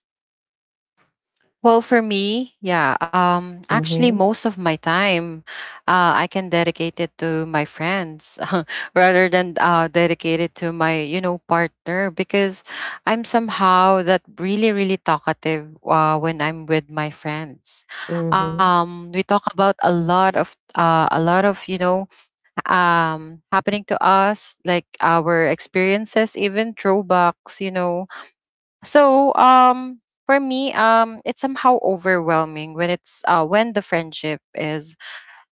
S2: Well, for me, yeah, actually,
S1: Mm-hmm.
S2: most of my time, I can dedicate it to my friends rather than dedicate it to my, you know, partner, because I'm somehow that really, really talkative when I'm with my friends.
S1: Mm-hmm.
S2: We talk about a lot of, you know, happening to us, like our experiences, even throwbacks, you know. So for me, it's somehow overwhelming when it's when the friendship is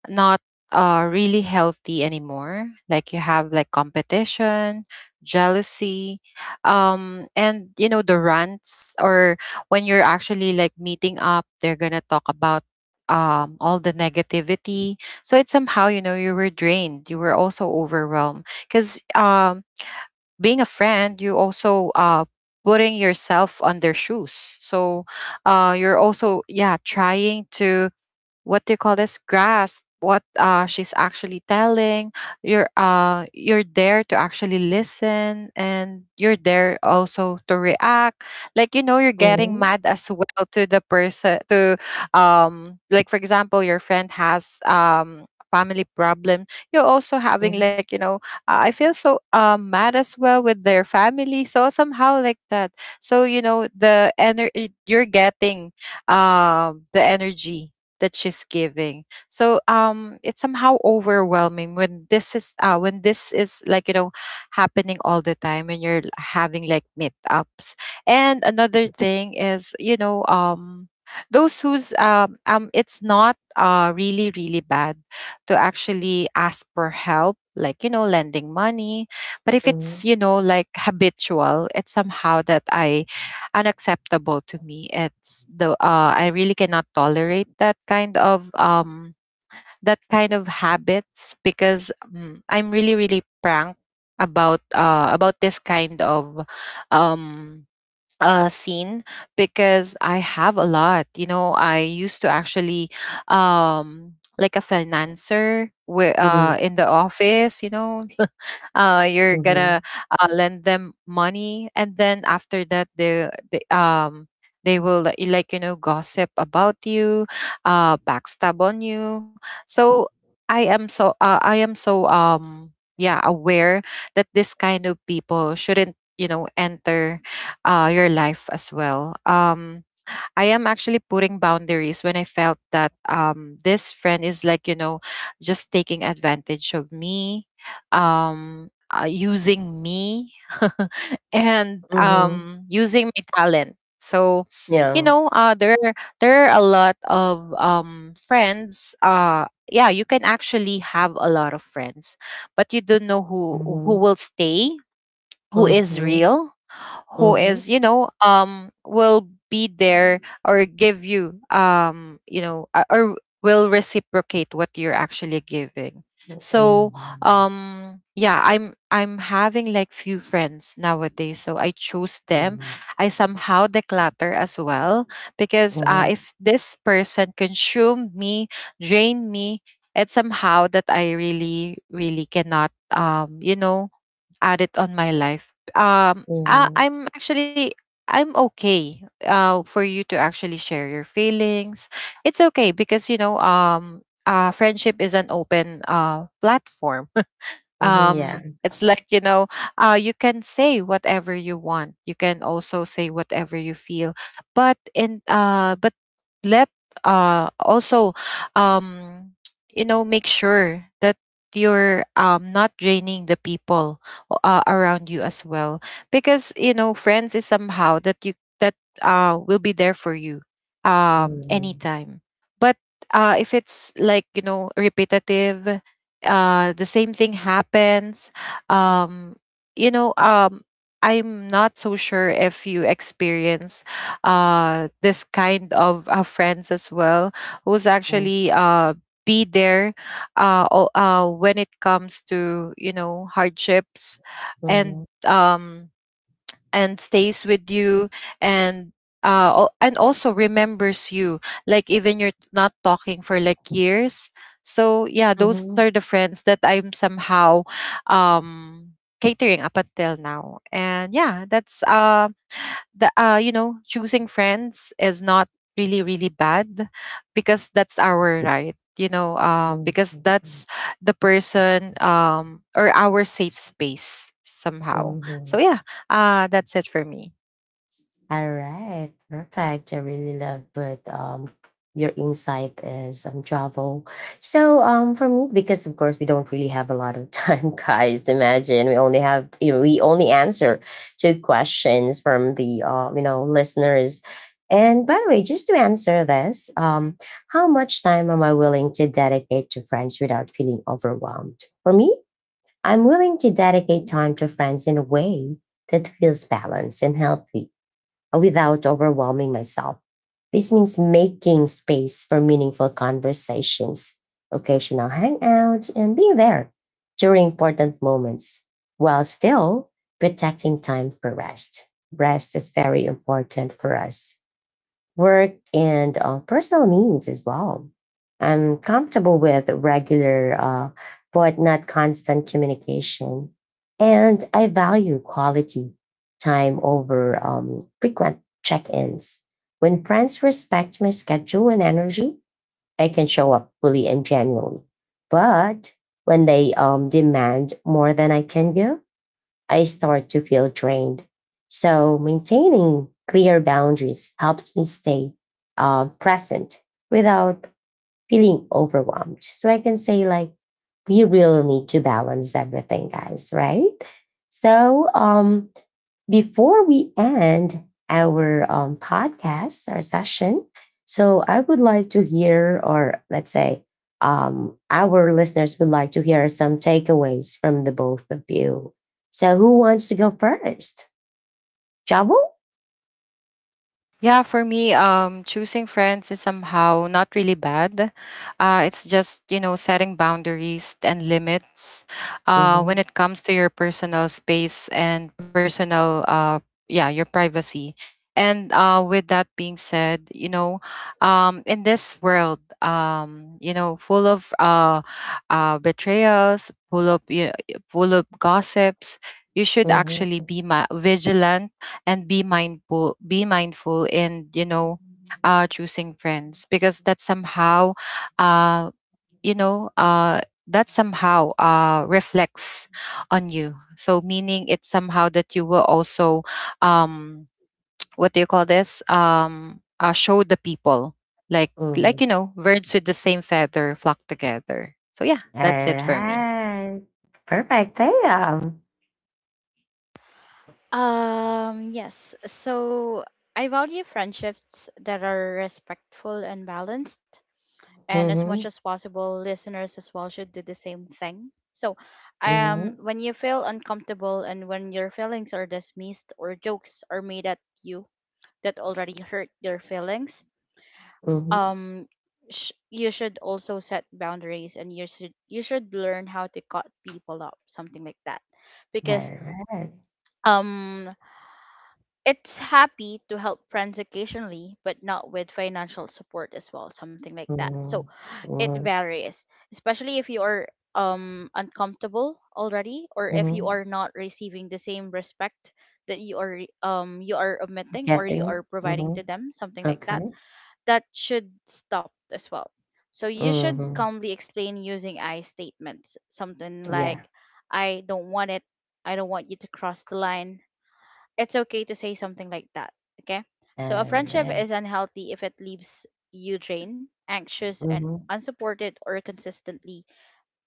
S2: not really healthy anymore, like you have like competition, jealousy, and you know, the rants, or when you're actually like meeting up, they're going to talk about all the negativity. So it's somehow, you know, you were drained, you were also overwhelmed, cuz being a friend, you also putting yourself on their shoes. So you're also, yeah, trying to, what do you call this, grasp what she's actually telling. You're, you're there to actually listen, and you're there also to react, like, you know, you're getting
S1: Mm-hmm.
S2: mad as well to the person to, like, for example, your friend has family problem, you're also having,
S1: Mm-hmm.
S2: like, you know, I feel so mad as well with their family. So somehow like that. So, you know, the energy you're getting, the energy that she's giving. So it's somehow overwhelming when this is when this is, like, you know, happening all the time when you're having like meetups. And another thing is, you know, those who's, it's not really really bad to actually ask for help, like, you know, lending money. But if it's, you know, like, habitual, it's somehow that I, unacceptable to me. It's the, I really cannot tolerate that kind of habits, because, mm, I'm really really pranked about this kind of, um scene, because I have a lot. You know, I used to actually like a financer
S1: Mm-hmm.
S2: in the office, you know, you're
S1: Mm-hmm.
S2: gonna lend them money, and then after that, they they will let you, like, you know, gossip about you, backstab on you. So I am so, I am so yeah, aware that this kind of people shouldn't, you know, enter your life as well. I am actually putting boundaries when I felt that, this friend is, like, you know, just taking advantage of me, using me, and
S1: Mm-hmm.
S2: using my talent. So, you
S1: Yeah.
S2: know, there are a lot of friends. Yeah, you can actually have a lot of friends, but you don't know who
S1: Mm-hmm.
S2: will stay, who is
S1: Mm-hmm.
S2: real, who
S1: Mhm.
S2: is, you know, will be
S1: Mhm.
S2: there, or give you you know or will reciprocate what you're actually giving. So yeah, I'm having like few friends nowadays, so I choose them,
S1: Mhm.
S2: I somehow declutter as well, because
S1: Mhm.
S2: if this person consumed me, drained me, it's somehow that I really really cannot, you know, add it on my life. Um, I,
S1: Mhm.
S2: I'm actually, I'm okay. For you to actually share your feelings, it's okay, because you know, friendship is an open platform,
S1: Mhm, yeah.
S2: it's like, you know, you can say whatever you want, you can also say whatever you feel. But in but let, also, um you know, make sure that you're not draining the people around you as well. Because you know, friends is somehow that you, that will be there for you
S1: Mhm.
S2: anytime. But if it's like, you know, repetitive, the same thing happens. um you know um I'm not so sure if you experience this kind of friends as well, who's
S1: Mhm.
S2: actually be there when it comes to, you know, hardships, and
S1: Mhm.
S2: um and stays with you, and and also remembers you, like, even you're not talking for like years. So yeah, those are the friends that I'm somehow um catering up until now. And yeah, that's the you know, choosing friends is not really really bad, because that's our right. You know,
S1: Mhm.
S2: because
S1: Mhm.
S2: that's the person or our safe space somehow. So
S1: Mhm.
S2: yeah, that's it for me.
S1: All right, perfect. I really love what your insight is on travel. So for me, because of course we don't really have a lot of time, guys. Imagine we only have, you know, we only answer two questions from the you know, listeners. And by the way, just to answer this, how much time am I willing to dedicate to friends without feeling overwhelmed? For me, I'm willing to dedicate time to friends in a way that feels balanced and healthy, without overwhelming myself. This means making space for meaningful conversations, occasional hangouts, and being there during important moments, while still protecting time for rest. Rest is very important for us, work, and personal needs as well. I'm comfortable with regular, but not constant communication. And I value quality time over, frequent check ins. When friends respect my schedule and energy, I can show up fully and genuinely. But when they, demand more than I can give, I start to feel drained. So, maintaining clear boundaries helps me stay, present without feeling overwhelmed. So, I can say, like, we really need to balance everything, guys, right? So, before we end our, podcast, our session, so I would like to hear, or let's say, our listeners would like to hear some takeaways from the both of you. So, who wants to go first? Jabo?
S2: Yeah, for me, choosing friends is somehow not really bad. It's just, you know, setting boundaries and limits
S1: Mhm,
S2: when it comes to your personal space and personal, yeah, your privacy. And with that being said, you know, in this world, you know, full of betrayals, full of, you full of gossips, you should
S1: mhm.
S2: actually be vigilant and be mindful, in, you know, choosing friends, because that somehow uh you know uh that somehow reflects on you. So, meaning, it's somehow that you will also um what do you call this, show the people, like,
S1: Mhm.
S2: you know, birds with the same feather flock together. So yeah,
S1: All
S2: that's it for me.
S1: right. Perfect. Thea.
S3: Yes. So I value friendships that are respectful and balanced, and as much
S1: Mm-hmm.
S3: as possible, listeners as well should do the same thing. So,
S1: Mm-hmm.
S3: when you feel uncomfortable, and when your feelings are dismissed or jokes are made at you that already hurt your feelings,
S1: Mm-hmm.
S3: um, you should also set boundaries, and you should learn how to cut people up, something like that, because
S1: All right.
S3: um it's happy to help friends occasionally, but not with financial support as well, something like that. So
S1: Mm-hmm.
S3: it varies, especially if you are uncomfortable already, or if you
S1: Mm-hmm.
S3: are not receiving the same respect that you are you are omitting, or you are
S1: Getting.
S3: providing
S1: Mm-hmm.
S3: to them, something like that.
S1: Okay.
S3: That should stop as well. So you should
S1: Mhm.
S3: calmly explain using I statements, something like,
S1: Yeah.
S3: "I don't want it. I don't want you to cross the line, it's okay to say something like that." Okay. So a friendship
S1: Alright.
S3: is unhealthy if it leaves you drained, anxious, and
S1: Mhm.
S3: unsupported, or consistently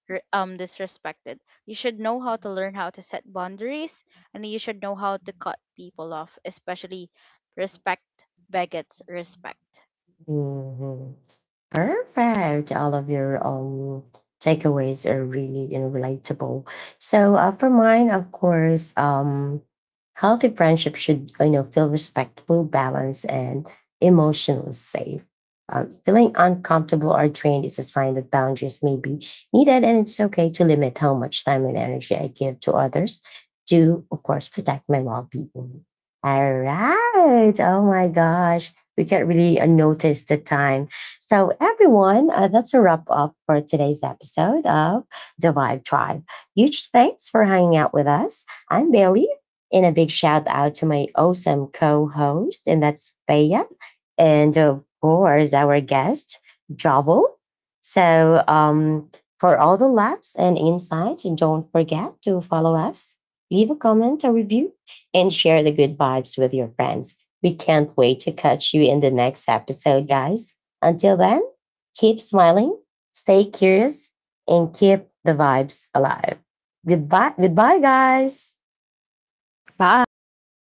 S3: disrespected. You should know how to learn how to set boundaries, and you should know how to cut people off, especially respect begets respect.
S1: Mhm. Perfect. All of your takeaways are really, you know, relatable. So for mine, of course, healthy friendship should, you know, feel respectful, balanced, and emotionally safe. Feeling uncomfortable or drained is a sign that boundaries may be needed, and it's okay to limit how much time and energy I give to others to, of course, protect my well-being. All right. Oh my gosh, we can't really notice the time. So, everyone, that's a wrap up for today's episode of The Vibe Tribe. Huge thanks for hanging out with us. I'm Bailey, and a big shout out to my awesome co host, and that's Thea, and of course, our guest, Jovel. So, for all the laughs and insights, and don't forget to follow us, leave a comment, a review, and share the good vibes with your friends. We can't wait to catch you in the next episode, guys. Until then, keep smiling, stay curious, and keep the vibes alive. Goodbye, goodbye, guys.
S2: Bye.